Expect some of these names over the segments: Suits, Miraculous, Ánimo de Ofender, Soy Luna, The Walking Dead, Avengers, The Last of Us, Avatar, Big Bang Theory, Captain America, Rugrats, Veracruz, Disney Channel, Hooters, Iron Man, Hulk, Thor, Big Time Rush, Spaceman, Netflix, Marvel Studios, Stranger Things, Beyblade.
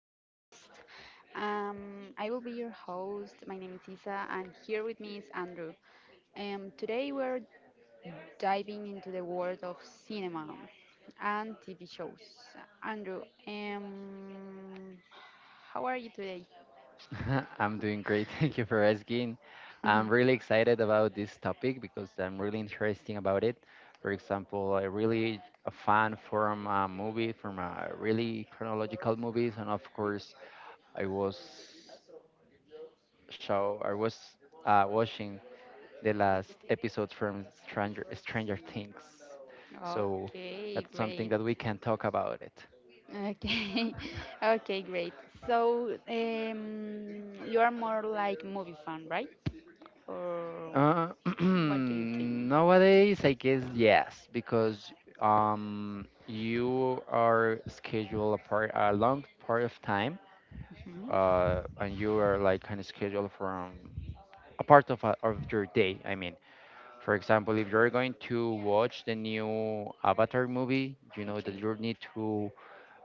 podcast. I will be your host. My name is Isa, and here with me is Andrew. Today, we're diving into the world of cinema and TV shows. Andrew, um, how are you today? I'm doing great. Thank you for asking. I'm really excited about this topic because I'm really interesting about it. For example, I really a fan from a movie, from a really chronological movies, and of course, I was show I was watching the last episode from Stranger Things. So Okay, that's something great. that we can talk about it. Okay, okay, great. So, you are more like movie fan, right? Or Uh, what do you think? nowadays, I guess yes, because you are scheduled a part a long part of time, Hmm. And you are like kind of scheduled from a part of of your day. I mean, for example, if you're going to watch the new Avatar movie, you know that Okay. you need to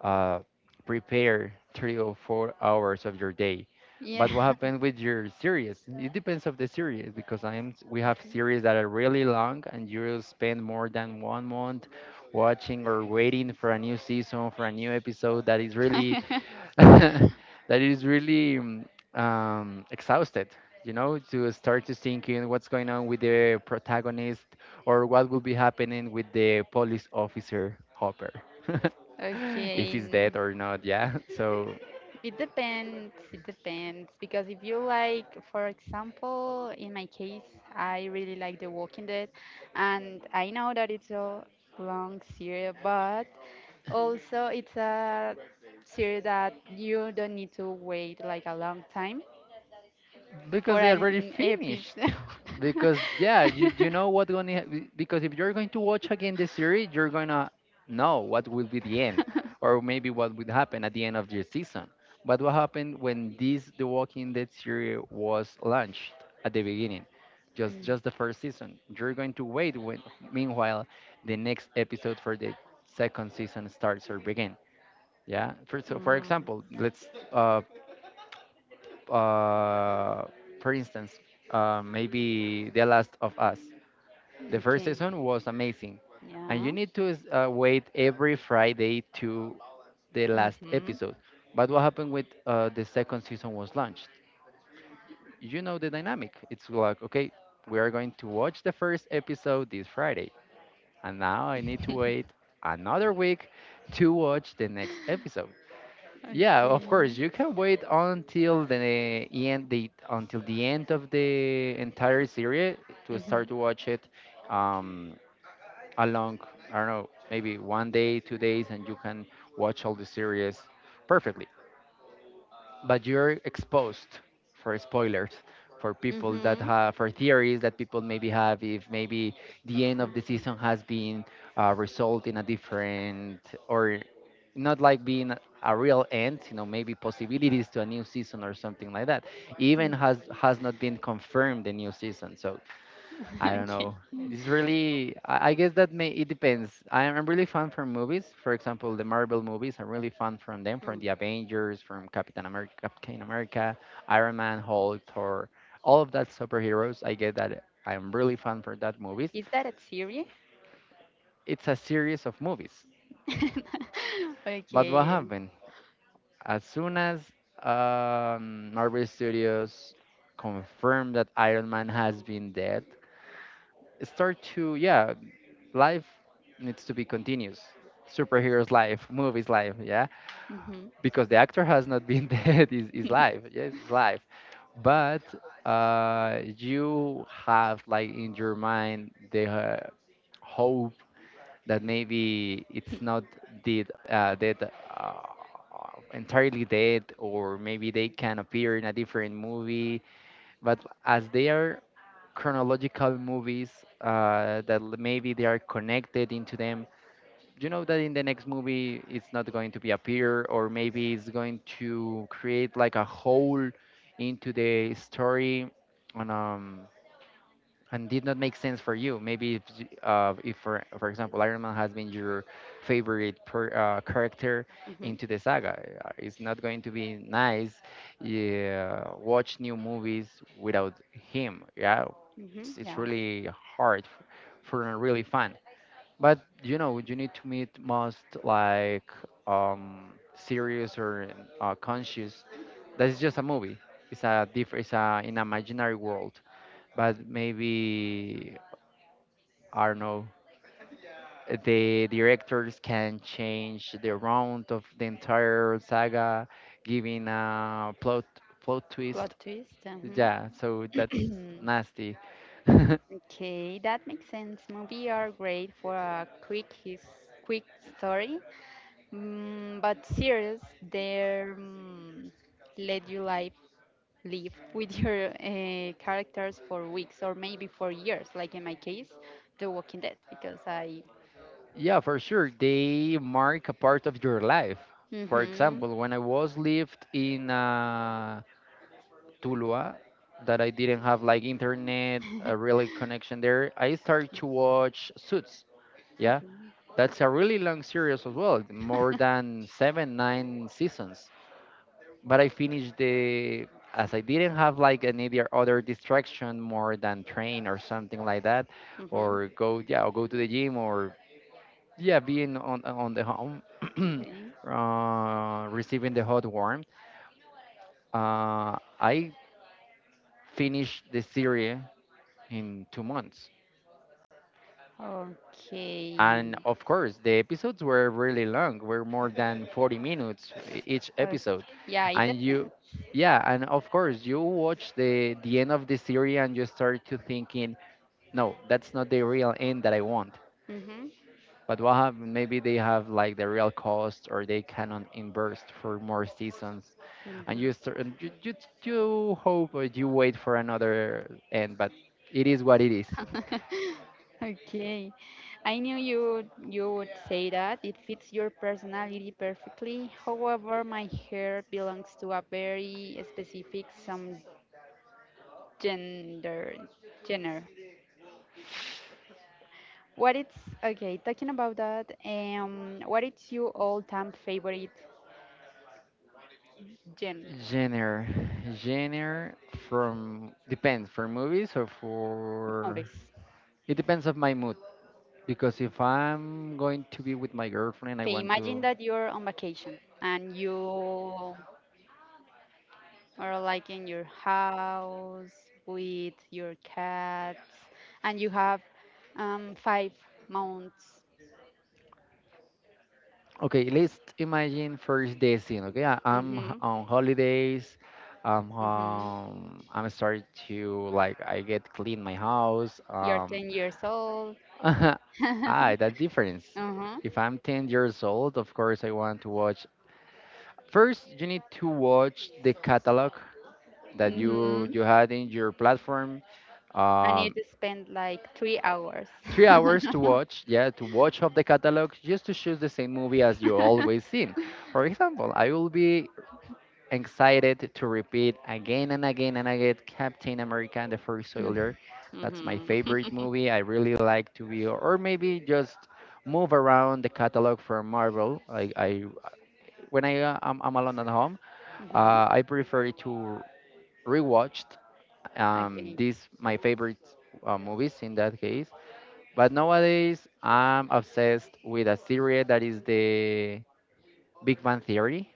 uh, prepare 3 or 4 hours of your day. Yeah. But what happens with your series? It depends of the series because I'm we have series that are really long and you'll spend more than 1 month watching or waiting for a new season for a new episode that is really that is really exhausted, you know, to start to thinking what's going on with the protagonist or what will be happening with the police officer Hopper, if Okay. he's dead or not. Yeah, so It depends. It depends. Because if you like, for example, in my case, I really like The Walking Dead, and I know that it's a long series, but also it's a series that you don't need to wait like a long time because for they an, already an finished. episode. Because yeah, you know what's going to because if you're going to watch again the series, you're gonna know what will be the end, or maybe what would happen at the end of the season. But what happened when this The Walking Dead series was launched at the beginning, just the first season. You're going to wait when meanwhile the next episode for the second season starts or begin. Yeah. For so for Mm, example, let's uh, for instance, maybe The Last of Us. The first okay. season was amazing, and you Yeah. need to wait every Friday to the last Mhm. episode. But what happened with the second season was launched? You know the dynamic. It's like, okay, we are going to watch the first episode this Friday, and now I need to wait another week to watch the next episode. Yeah, of course. Okay. You can wait until the end, the until the end of the entire series to start Mhm. to watch it. Um, along, I don't know, maybe one day, 2 days, and you can watch all the series perfectly but you're exposed for spoilers for people that Mhm. have for theories that people maybe have if maybe the end of the Okay. season has been result in a different or not like being a real end, you know, maybe possibilities to a new season or something like that Mm. even has not been confirmed the new season so I don't Okay. know. It's really, I guess that may, it depends. I'm really fan from movies. For example, the Marvel movies, I'm really fan from them, Hmm. from the Avengers, from Captain America, Iron Man, Hulk, Thor, all of that superheroes. I get that I'm really fan for that movies. Is that a theory? It's a series of movies. But what Okay. happened? As soon as Marvel Studios confirmed that Iron Man has been dead, start to yeah life needs to be continuous. Superheroes life, movies life, yeah, Mhm. because the actor has not been dead. Is Mhm. life? Yes, is life. But you have like in your mind the hope that maybe it's not dead, uh, entirely dead, or maybe they can appear in a different movie. But as they are chronological movies, maybe they are connected into them, you know, that in the next movie it's not going to be appear or maybe it's going to create like a hole into the story and um and did not make sense for you maybe if for example, iron man has been your favorite character into the saga. It's not going to be nice, yeah, watch new movies without him. Yeah, Mhm. it's Yeah. really hard for a really fan, but you know, you need to meet most like um, serious or conscious. That is just a movie. It's a different. It's a in imaginary world. But maybe I don't know. The directors can change the round of the entire saga, giving a plot Plot twist. twist. Yeah, so Uh-huh. that's nasty. Okay, that makes sense. Movies are great for a quick story, mm, but series they, let you live with your characters for weeks or maybe for years. Like in my case, The Walking Dead, because I. Yeah, for sure. They mark a part of your life. For Mhm. example, when I was lived in Tuluá, that I didn't have like internet, a really connection there, I started to watch Suits. Yeah, that's a really long series as well, more than 7, 9 seasons. But I finished the as I didn't have like any other distraction more than train or something like that, Mhm. or go yeah, or go to the gym or yeah being on the home Okay. Receiving the hot warm uh, I finished the series in 2 months, Okay. and of course the episodes were really long were more than 40 minutes each Okay. episode. Yeah, it And you depends. yeah, and of course you watch the end of the series and you start to thinking, no, that's not the real end that I want. Mhm. But what happened? Maybe they have like the real cost, or they cannot invest for more seasons, and you Mhm. start, and you you hope or you wait for another end. But it is what it is. Okay. I knew you would say that. It fits your personality perfectly. However, my hair belongs to a very specific some gender genre. What it's Okay, talking about that, what is your all-time favorite genre? Genre, genre from depends for movies or for Movies. it depends of my mood. Because if I'm going to be with my girlfriend, I Okay, want imagine to that you're on vacation and you or like in your house with your cats and you have 5 months. okay, let's imagine first the scene. Okay, Mm-hmm, on holidays. Mm-hmm. I'm starting to like I get clean my house. You're 10 years old. ah, Uh-huh, that difference. If I'm 10 years old, of course I want to watch. First, you need to watch the catalog that mm-hmm. you had in your platform. I need Um, to spend like 3 hours. 3 hours to Mm-hmm. watch. Yeah, to watch up the catalog just to choose the same movie as you always seen. For example, I will be excited to repeat again and again and again Captain America and the First Soldier. That's my favorite Mm-hmm. movie. I really like to be, or maybe just move around the catalog for Marvel. I when I'm alone at home, I prefer to rewatch Okay, these my favorite movies in that case. But nowadays, I'm obsessed with a series that is the Big Bang Theory.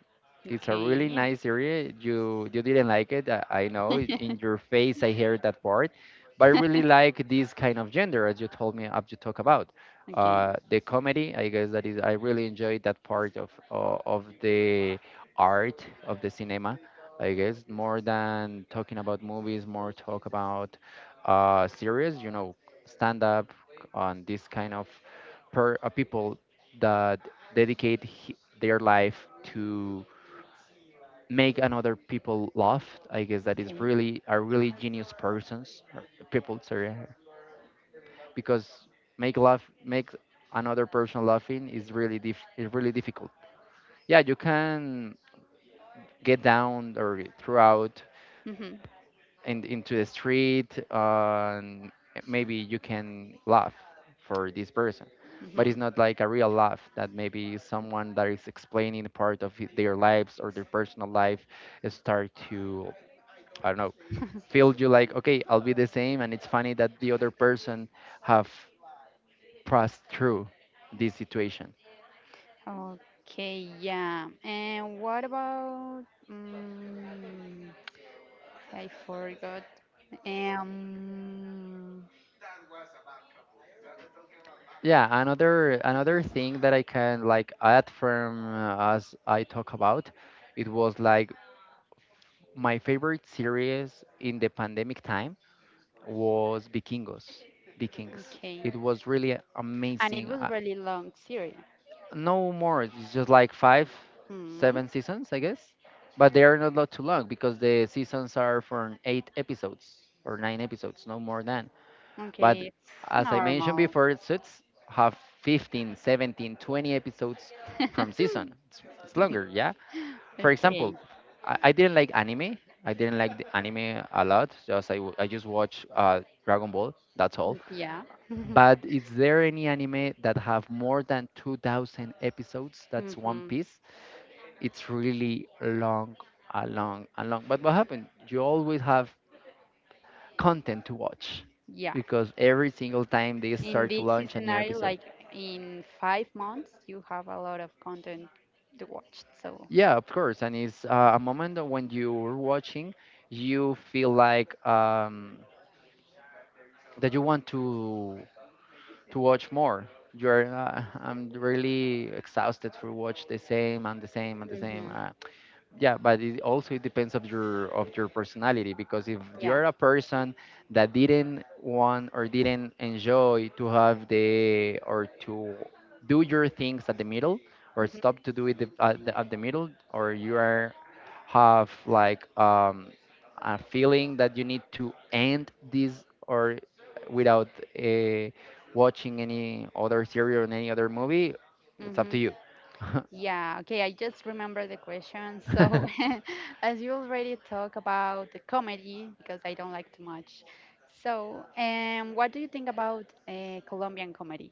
It's a really okay. nice series. You didn't like it, I know. In your face, I heard that part, but I really like this kind of gender, as you told me, as to talk about. Okay, okay. The comedy, I guess that is. I really enjoyed that part of the art of the cinema. I guess more than talking about movies, more talk about series. You know, stand up on this kind of per people that dedicate their life to make another people laugh. I guess that is really are really genius persons or people, sorry, because make laugh make another person laughing is really diff is really difficult. Yeah, you can get down or throughout Mm-hmm. Into the street and maybe you can laugh for this person, but Mm-hmm. it's not like a real laugh that maybe someone that is explaining part of their lives or their personal life start to I don't know feel you like okay I'll be the same and it's funny that the other person have passed through this situation. Okay, yeah. And what about, mm I forgot. Um, Yeah, another thing that I can like add from as I talk about it was like my favorite series in the pandemic time was Vikingos. Vikings. okay. It was really And it amazing. was really long series. No more. It's just like five, Hmm. seven seasons, I guess. But they are not too long because the seasons are for 8 episodes or 9 episodes, no more than. But Okay, it's as I mentioned normal. before, suits have 15, 17, 20 episodes from season. It's longer, yeah? For example, Okay. I didn't like anime. I didn't like the anime a lot. I just watch Dragon Ball. That's all. Yeah. But is there any anime that have more than 2,000 episodes? That's One Mm-hmm. Piece. It's really long, a long. But what happened? You always have content to watch Yeah. because every single time they In start to this launch a new scenario, episode. like in 5 months, you have a lot of content to watch. So, Yeah, of course. And it's a moment that when you're watching, you feel like that you want to watch more. You're I'm really exhausted for watch the same and the same and the same. hmm yeah, but it also depends of your personality, because if yeah. you're a person that didn't want or didn't enjoy to have the or to do your things at the middle or stop to do it at the middle, or you are have like a feeling that you need to end this, or without uh, watching any other series or any other movie, it's up hmm to you. Yeah, okay, I just remember the question. So, as you already talk about the comedy, because I don't like too much. So, what do you think about Colombian comedy?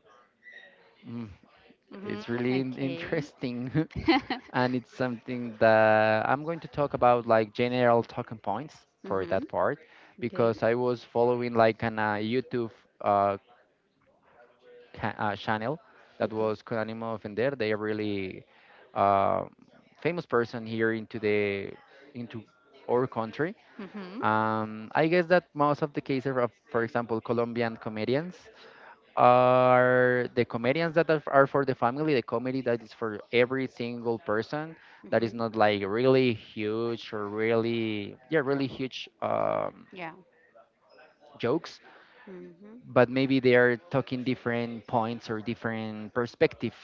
It's Mm-hmm, really in- okay. interesting, and it's something that I'm going to talk about like general talking points for Mm-hmm, that part, okay, because I was following like an YouTube uh, channel that okay. was Con Ánimo de Ofender. They are really uh, famous person here into our country. Mm-hmm, I guess that most of the cases of, for example, Colombian comedians are the comedians that are for the family, the comedy that is for every single person, that is mm-hmm, not like really huge or really, yeah, really huge yeah. jokes, Mm-hmm, but maybe they are talking different points or different perspective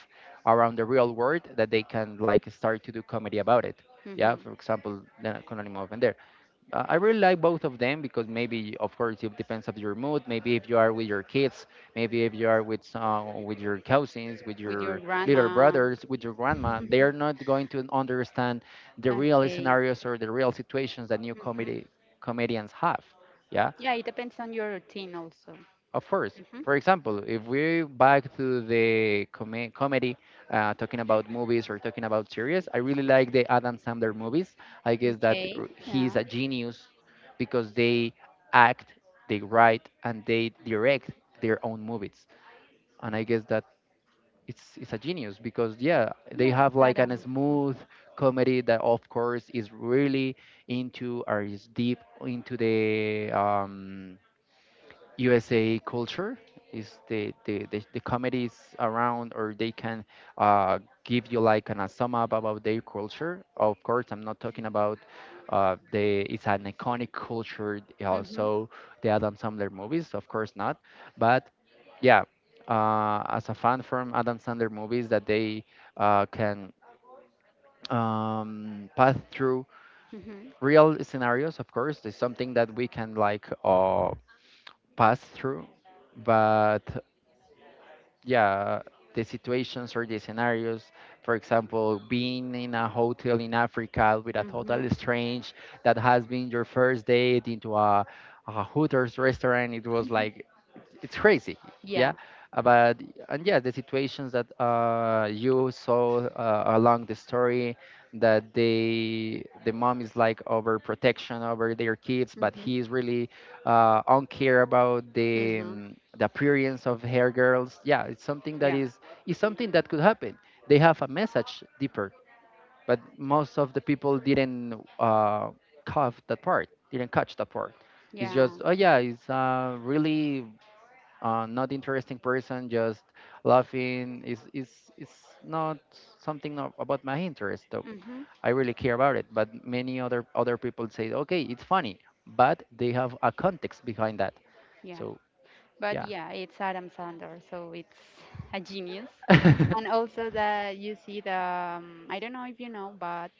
around the real world that they can like start to do comedy about it. Yeah, mm-hmm. for example, the Anónimo Open, I really like both of them because maybe, of course, it depends of your mood. Maybe if you are with your kids, maybe if you are with some, with your cousins, with With your your little grandma. brothers, with your grandma, they are not going to understand the real Okay. scenarios or the real situations that new Mm-hmm. comedy comedians have. Yeah, Yeah, it depends on your routine also. of course. Mm-hmm. For example, if we back to the comedy, talking about movies or talking about series, I really like the Adam Sandler movies. I guess that Okay, he's yeah. a genius, because they act, they write, and they direct their own movies. And I guess that it's a genius, because yeah, they Yeah, have it's like an Adam. smooth comedy that, of course, is really into or is deep into the USA culture. Is the comedies around, or they can give you like an a sum up about their culture. Of course, I'm not talking about the it's an iconic culture. Mm-hmm. Also, the Adam Sandler movies, of course not, but yeah, as a fan from Adam Sandler movies, that they can pass through Mhm. real scenarios. Of course, it's something that we can like pass through, but yeah, the situations or the scenarios, for example being in a hotel in Africa with a total Mhm. strange, that has been your first date into a Hooters restaurant, it was like, it's crazy. Yeah. Yeah. But and yeah, the situations that you saw along the story, that the mom is like overprotection over their kids, but Mhm. he's really uncare about the Mhm. um, the appearance of hair girls. Yeah, it's something that Yeah. is something that could happen. They have a message deeper, but most of the people didn't cough that part, didn't catch that part. It's Yeah. just, oh yeah, it's really not interesting person, just laughing. It's not something about my interest, though. Mhm. I really care about it. But many other people say, okay, it's funny, but they have a context behind that. Yeah. So, But yeah. yeah, it's Adam Sandler, so it's a genius. And also that you see the, I don't know if you know, but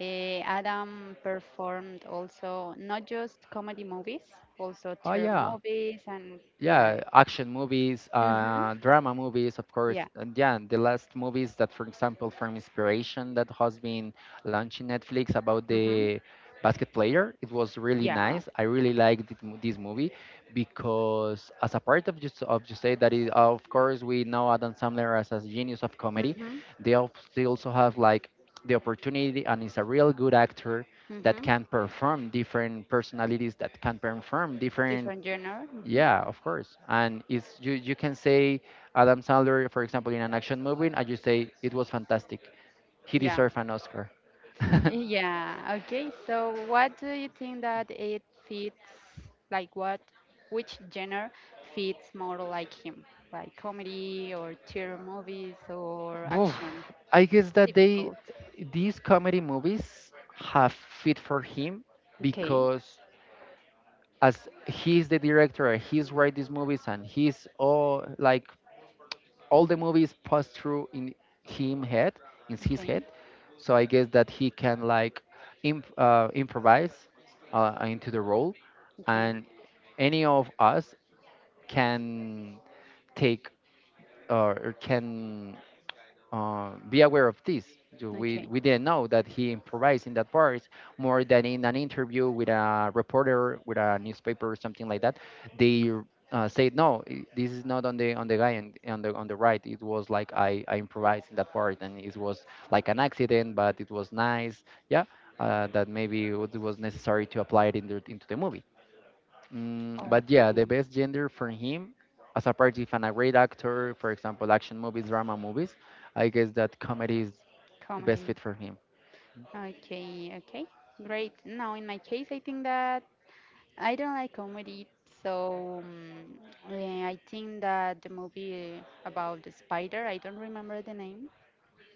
Adam performed also not just comedy movies, also Oh, terror yeah. movies and yeah. Yeah, action movies, Mhm. Drama movies, of course. Yeah. And yeah, the last movies that, for example, from inspiration, that has been launched in Netflix about Mhm. the basket player, it was really Yeah. nice. I really liked it, this movie, because as a part of just say that, is of course, we know Adam Sandler as a genius of comedy, Mhm. they they also have like the opportunity, and is a real good actor that Mhm. can perform different personalities, that can perform different. Different genre. Mhm. Yeah, of course. And it's, you can say Adam Sandler, for example, in an action movie, and you say it was fantastic. He Yeah. deserved an Oscar. Yeah, okay. So what do you think that it fits, like, what which genre fits more like him? Like comedy or terror movies or Boof. action? I guess that they Because these comedy movies have fit for him, okay, because as he's the director, he's write these movies, and he's all like, all the movies pass through him head in his okay, head, so I guess that he can like improvise into the role, okay, and any of us can take or can be aware of this. Do We, okay, we didn't know that he improvised in that part, more than in an interview with a reporter, with a newspaper or something like that. They said no, this is not on the guy, and on the right. It was like, I improvised in that part, and it was like an accident, but it was nice. Yeah, that maybe it was necessary to apply it in into the movie. But yeah, the okay. best gender for him, as apart if I a great actor, for example, action movies, drama movies, I guess that comedy is the best Comedy. fit for him. Okay, okay. Great. Now in my case I think that I don't like comedy, so I think that the movie about the spider, I don't remember the name.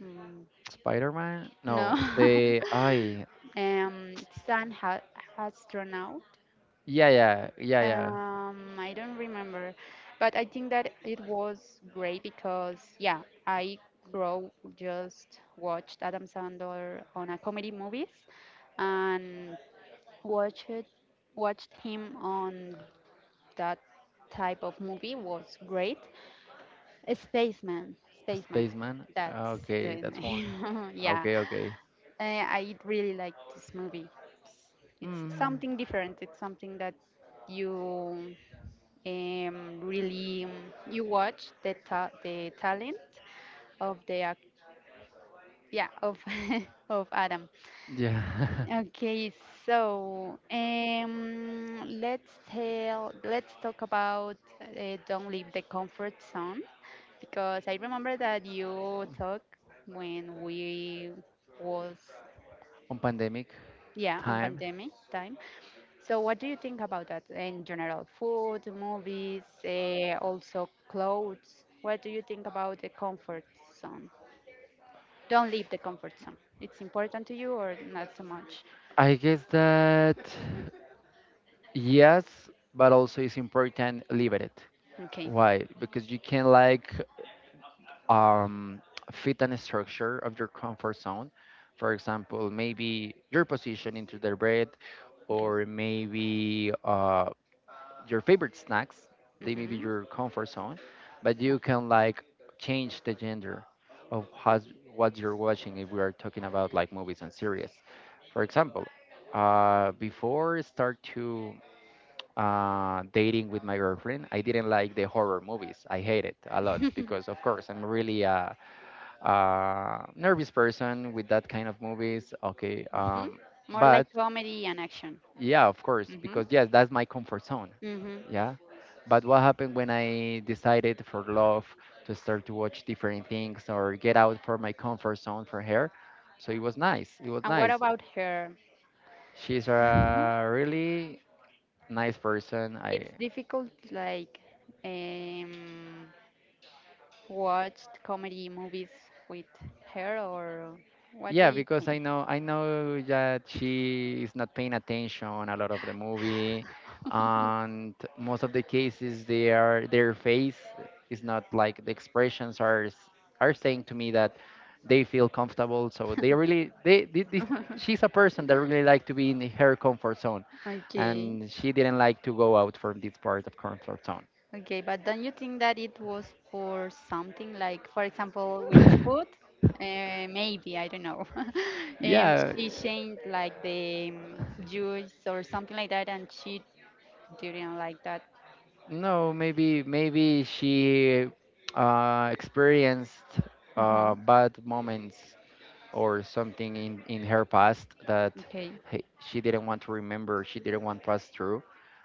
Mm. Spider-Man? No. No, the I. Sun ha astronaut. Yeah, yeah, yeah, yeah. I don't remember, but I think that it was great because yeah, I grow just watched Adam Sandler on a comedy movies and watched watched him on that type of movie was great. Spaceman. Spaceman. Spaceman. That's the Okay, that's one. name. Yeah. Okay, okay. I really like this movie. It's Mm, something different. It's something that you, really, you watch the the talent of the yeah, of of Adam. yeah. Okay, so let's talk about, don't leave the comfort zone because I remember that you talk when we was. On pandemic Yeah, on time, pandemic time. So, what do you think about that in general? Food, movies, also clothes. What do you think about the comfort zone? Don't leave the comfort zone. It's important to you or not so much? I guess that yes, but also it's important, leave it. Okay, Why? Because you can like um, fit and structure of your comfort zone. For example, maybe your position into the bread, okay. or maybe your favorite snacks. They may be Mm-hmm. your comfort zone, but Yeah. you can like change the gender of has, what you're watching if we are talking about like movies and series. For example, before I start to dating with my girlfriend, I didn't like the horror movies. I hate it a lot because, of course, I'm really a nervous person with that kind of movies. Okay, Mm-hmm. More like but comedy and action. yeah, of course, Mm-hmm. because yes, that's my comfort zone. Mm-hmm. Yeah, but what happened when I decided for love to start to watch different things or get out for my comfort zone for her? So it was nice. It was And what nice. about her? She's a really nice person. It's I difficult, like, um, watched comedy movies with her, or what do Yeah, you because think? I know that she is not paying attention a lot of the movie, and most of the cases they are their face is not like, the expressions are are saying to me that they feel comfortable. So they really they, this she's a person that really like to be in her comfort zone, Okay, and she didn't like to go out from this part of comfort okay, but don't you think that it was for something like, for example, with zone. food? Maybe, I don't know. Yeah. she changed like the, juice or something like that, and she didn't like that. No, maybe she experienced Hmm. Bad moments, or something in her past that Okay. She didn't want to remember, she didn't want to pass through.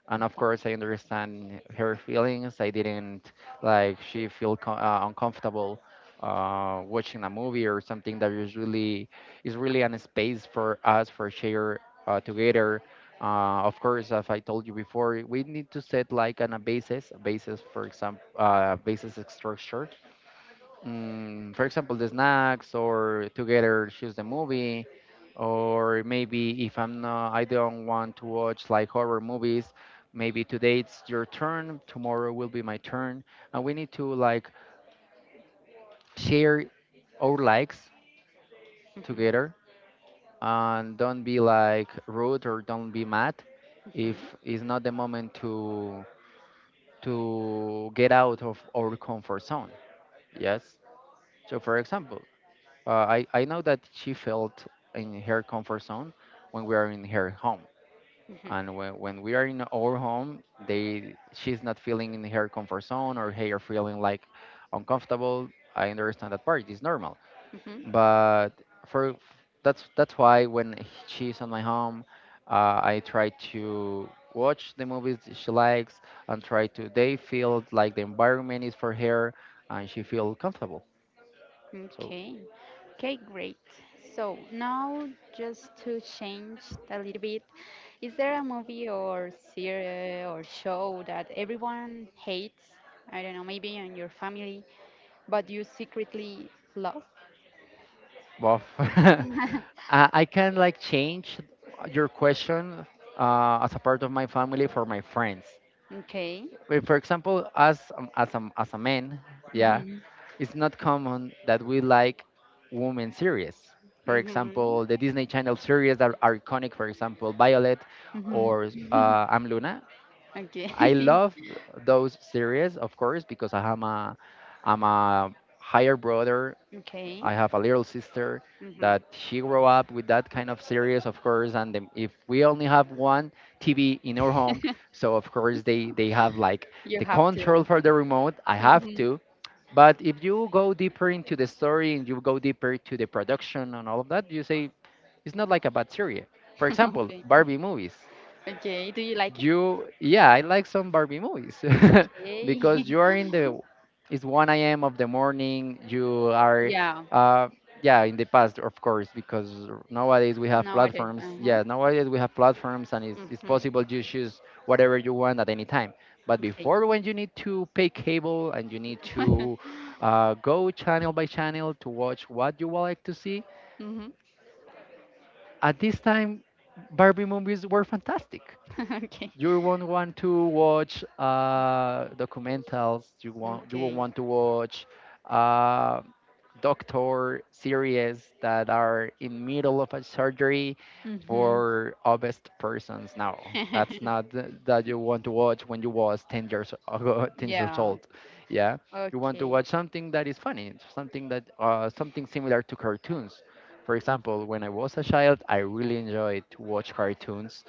And of course, I understand her feelings. I didn't like she feel uncomfortable watching a movie, or something that is really, an space for us for share together. Of course, as I told you before, we need to set like on a basis, for example, basis structure, for example, the snacks, or together choose the movie. Or maybe if I'm not, I don't want to watch like horror movies, maybe today it's your turn, tomorrow will be my turn, and we need to like share our likes Hmm. together, and don't be like rude, or don't be mad if Hmm. it's not the moment to get out of our comfort zone. Yes. So for example, Uh, I know that she felt in her comfort zone when we are in her home. Hmm. And when we are in our home, they she's not feeling in her comfort zone, or hey, are feeling like uncomfortable. I understand that part. It's normal. Hmm. But for That's why, when she's on my home, I try to watch the movies that she likes, and try to they feel like the environment is for her, and she feel comfortable. So Okay. Okay, great. So now just to change a little bit, is there a movie or series or show that everyone hates? I don't know, maybe in your family, but you secretly love? both. I can like change your question as a part of my family for my friends. Okay. Wait, for example, as a man, yeah, Mhm. it's not common that we like women series. For Mhm. example, the Disney Channel series that are iconic, for example, Violet, Mhm. or I'm Luna. Okay. I love those series, of course, because I'm a higher brother. Okay. I have a little sister Mhm. that she grew up with that kind of series, of course. And then if we only have one TV in our home, so of course they have like You the have control to. for the remote. I have Mhm. to. But if you go deeper into the story, and you go deeper to the production and all of that, you say, it's not like a bad series. For example, Okay. Barbie movies. Okay. Do you like it? You Yeah, I like some Barbie movies. Okay. Because you are in the it's 1 a.m. of the morning, you are Yeah. uh yeah, in the past, of course, because nowadays we have Nowadays, platforms. uh-huh. Yeah, nowadays we have platforms, and it's Mm-hmm. possible you choose whatever you want at any time. But Okay. before, when you need to pay cable, and you need to go channel by channel to watch what you would like to see Mm-hmm. at this time, Barbie movies were fantastic. Okay. You won't want to watch documentals. You won't Okay. want to watch uh, doctor series that are in middle of a surgery Mm-hmm. for obese persons. No, that's not th- that you want to watch when you was 10 years ago, 10 years Yeah. old. Yeah, you want to Okay. watch something that is funny, something that something similar to cartoons. For example, when I was a child, I really enjoyed to watch cartoons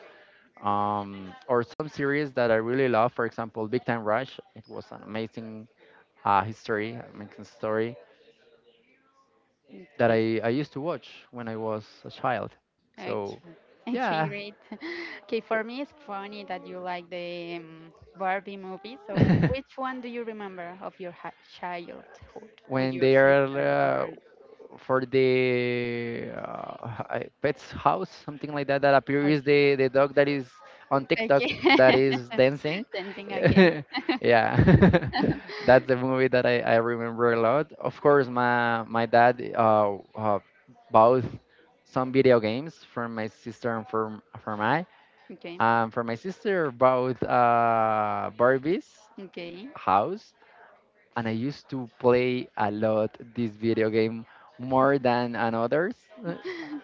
or some series that I really love. For example, Big Time Rush. It was an amazing amazing story that Okay. I used to watch when I was a child. Okay. So, Okay, yeah, great. Okay, for me it's funny that you like the, Barbie movie. So, which one do you remember of your ha childhood with when your they are sister, uh, or for the pet's house, something like that, that okay? appears the dog that is on TikTok Okay. that is dancing. Sensing, okay. Yeah, that's the movie that I remember a lot. Of course, my dad bought some video games for my sister and for my Okay. For my sister bought Barbie's Okay. house, and I used to play a lot this video game more than an others. Uh,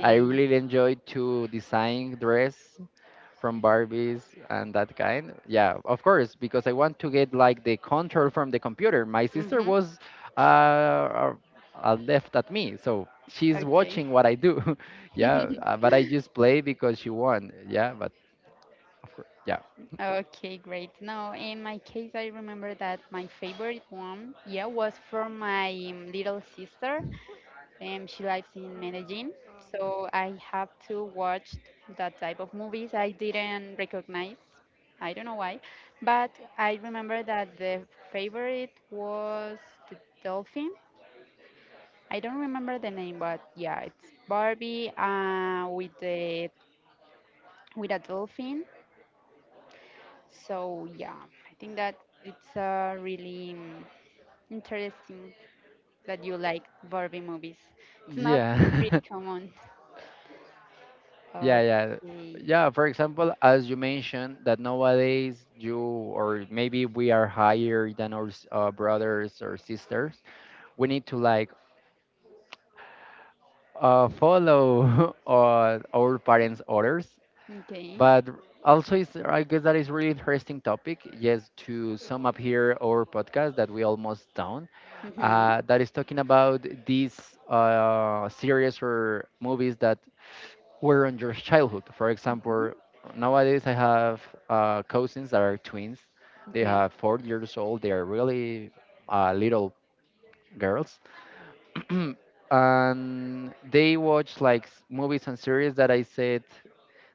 I really enjoyed to design dress from Barbies and that kind. Yeah, of course, because I want to get like the control from the computer. My sister Mm-hmm. was uh, uh, left at me, so she's Okay. watching what I do. Yeah, but I just play because she won. Yeah, but of course, yeah, Okay, great. No, in my case, I remember that my favorite one, yeah, was from my, little sister. She lives in Medellin, so I have to watch that type of movies I didn't recognize. I don't know why, but I remember that the favorite was the dolphin. I don't remember the name, but yeah, it's Barbie, with the with a dolphin. So yeah, I think that it's really, interesting that you like Barbie movies. It's not pretty yeah. common. Yeah, yeah. Okay. Yeah, for example, as you mentioned, that nowadays you or maybe we are higher than our brothers or sisters, we need to like follow our parents' orders, Okay. but also, it's, I guess that is really interesting topic. Yes, to sum up here our podcast that we almost done, Mhm. That is talking about these series or movies that were on your childhood. For Mhm. example, nowadays I have cousins that are twins. They Okay. have 4 years old. They are really little girls, and they watch like movies and series that I said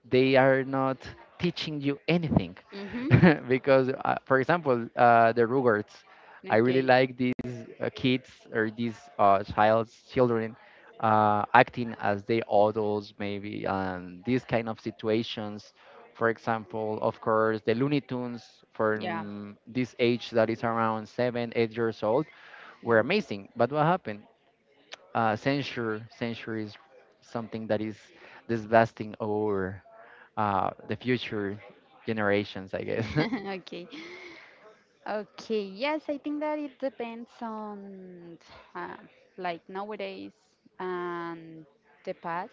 they are not teaching you anything Mhm. because for example, the rugards. I really Okay. like these kids or these child's children acting as they adults maybe and these kind of situations. For example, of course, the Looney Tunes Yeah. from this age that is around 7 8 years old were Yeah. amazing, but what happened, censure, censure is something that is disgusting over the future generations, I guess. Okay. Okay. Yes, I think that it depends on, uh, like nowadays and the past.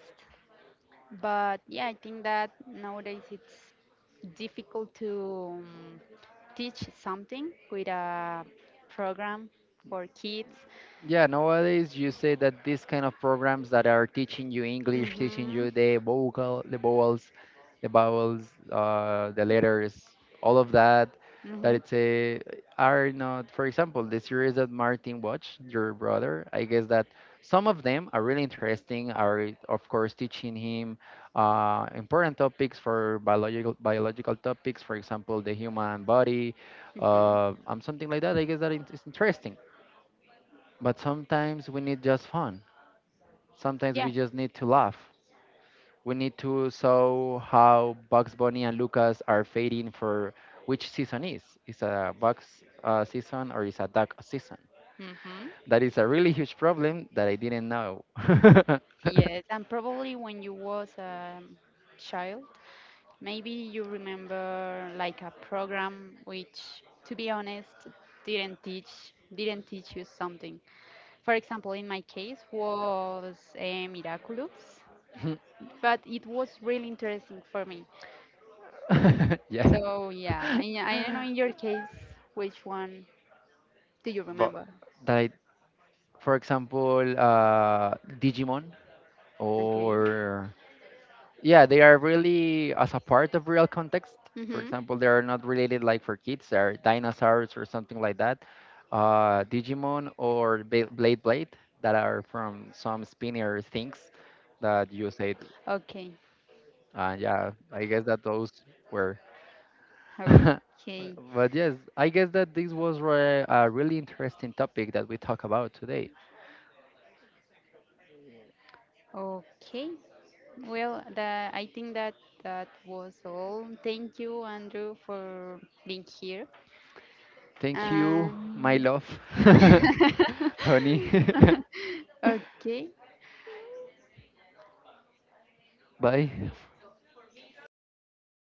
But yeah, I think that nowadays it's difficult to, teach something with a program for kids. Yeah, nowadays you say that these kind of programs that are teaching you English, teaching Mm-hmm. you the vocal, the vowels, the letters, all of that, that Mm-hmm. it's a are not. For example, the series that Martin watched, your brother, I guess that some of them are really interesting. Are of course teaching him important topics for biological topics, for example, the human body, Mm-hmm. Something like that. I guess that it's interesting, but sometimes we need just fun. Sometimes Yeah. we just need to laugh. We need to show how Bugs Bunny and Lucas are fading for which season is. Is a Bugs season or is a duck season? Mm-hmm. That is a really huge problem that I didn't know. Yes, and probably when you was a child, maybe you remember like a program which, to be honest, didn't teach you something. For example, in my case was, Miraculous. But it was really interesting for me. Yeah. So yeah, I don't know in your case which one do you But remember? that I, for example, Digimon Okay. or yeah, they are really as a part of real context. For Mhm. example, they are not related like for kids. They are dinosaurs or something like that. Digimon or blade that are from some spinner things that you said. Okay. Yeah, I guess that those were Okay. but yes, I guess that this was a really interesting topic that we talk about today. Okay. Well, I think that that was all. Thank you, Andrew, for being here. Thank you, my And love, honey. okay. Bye. See.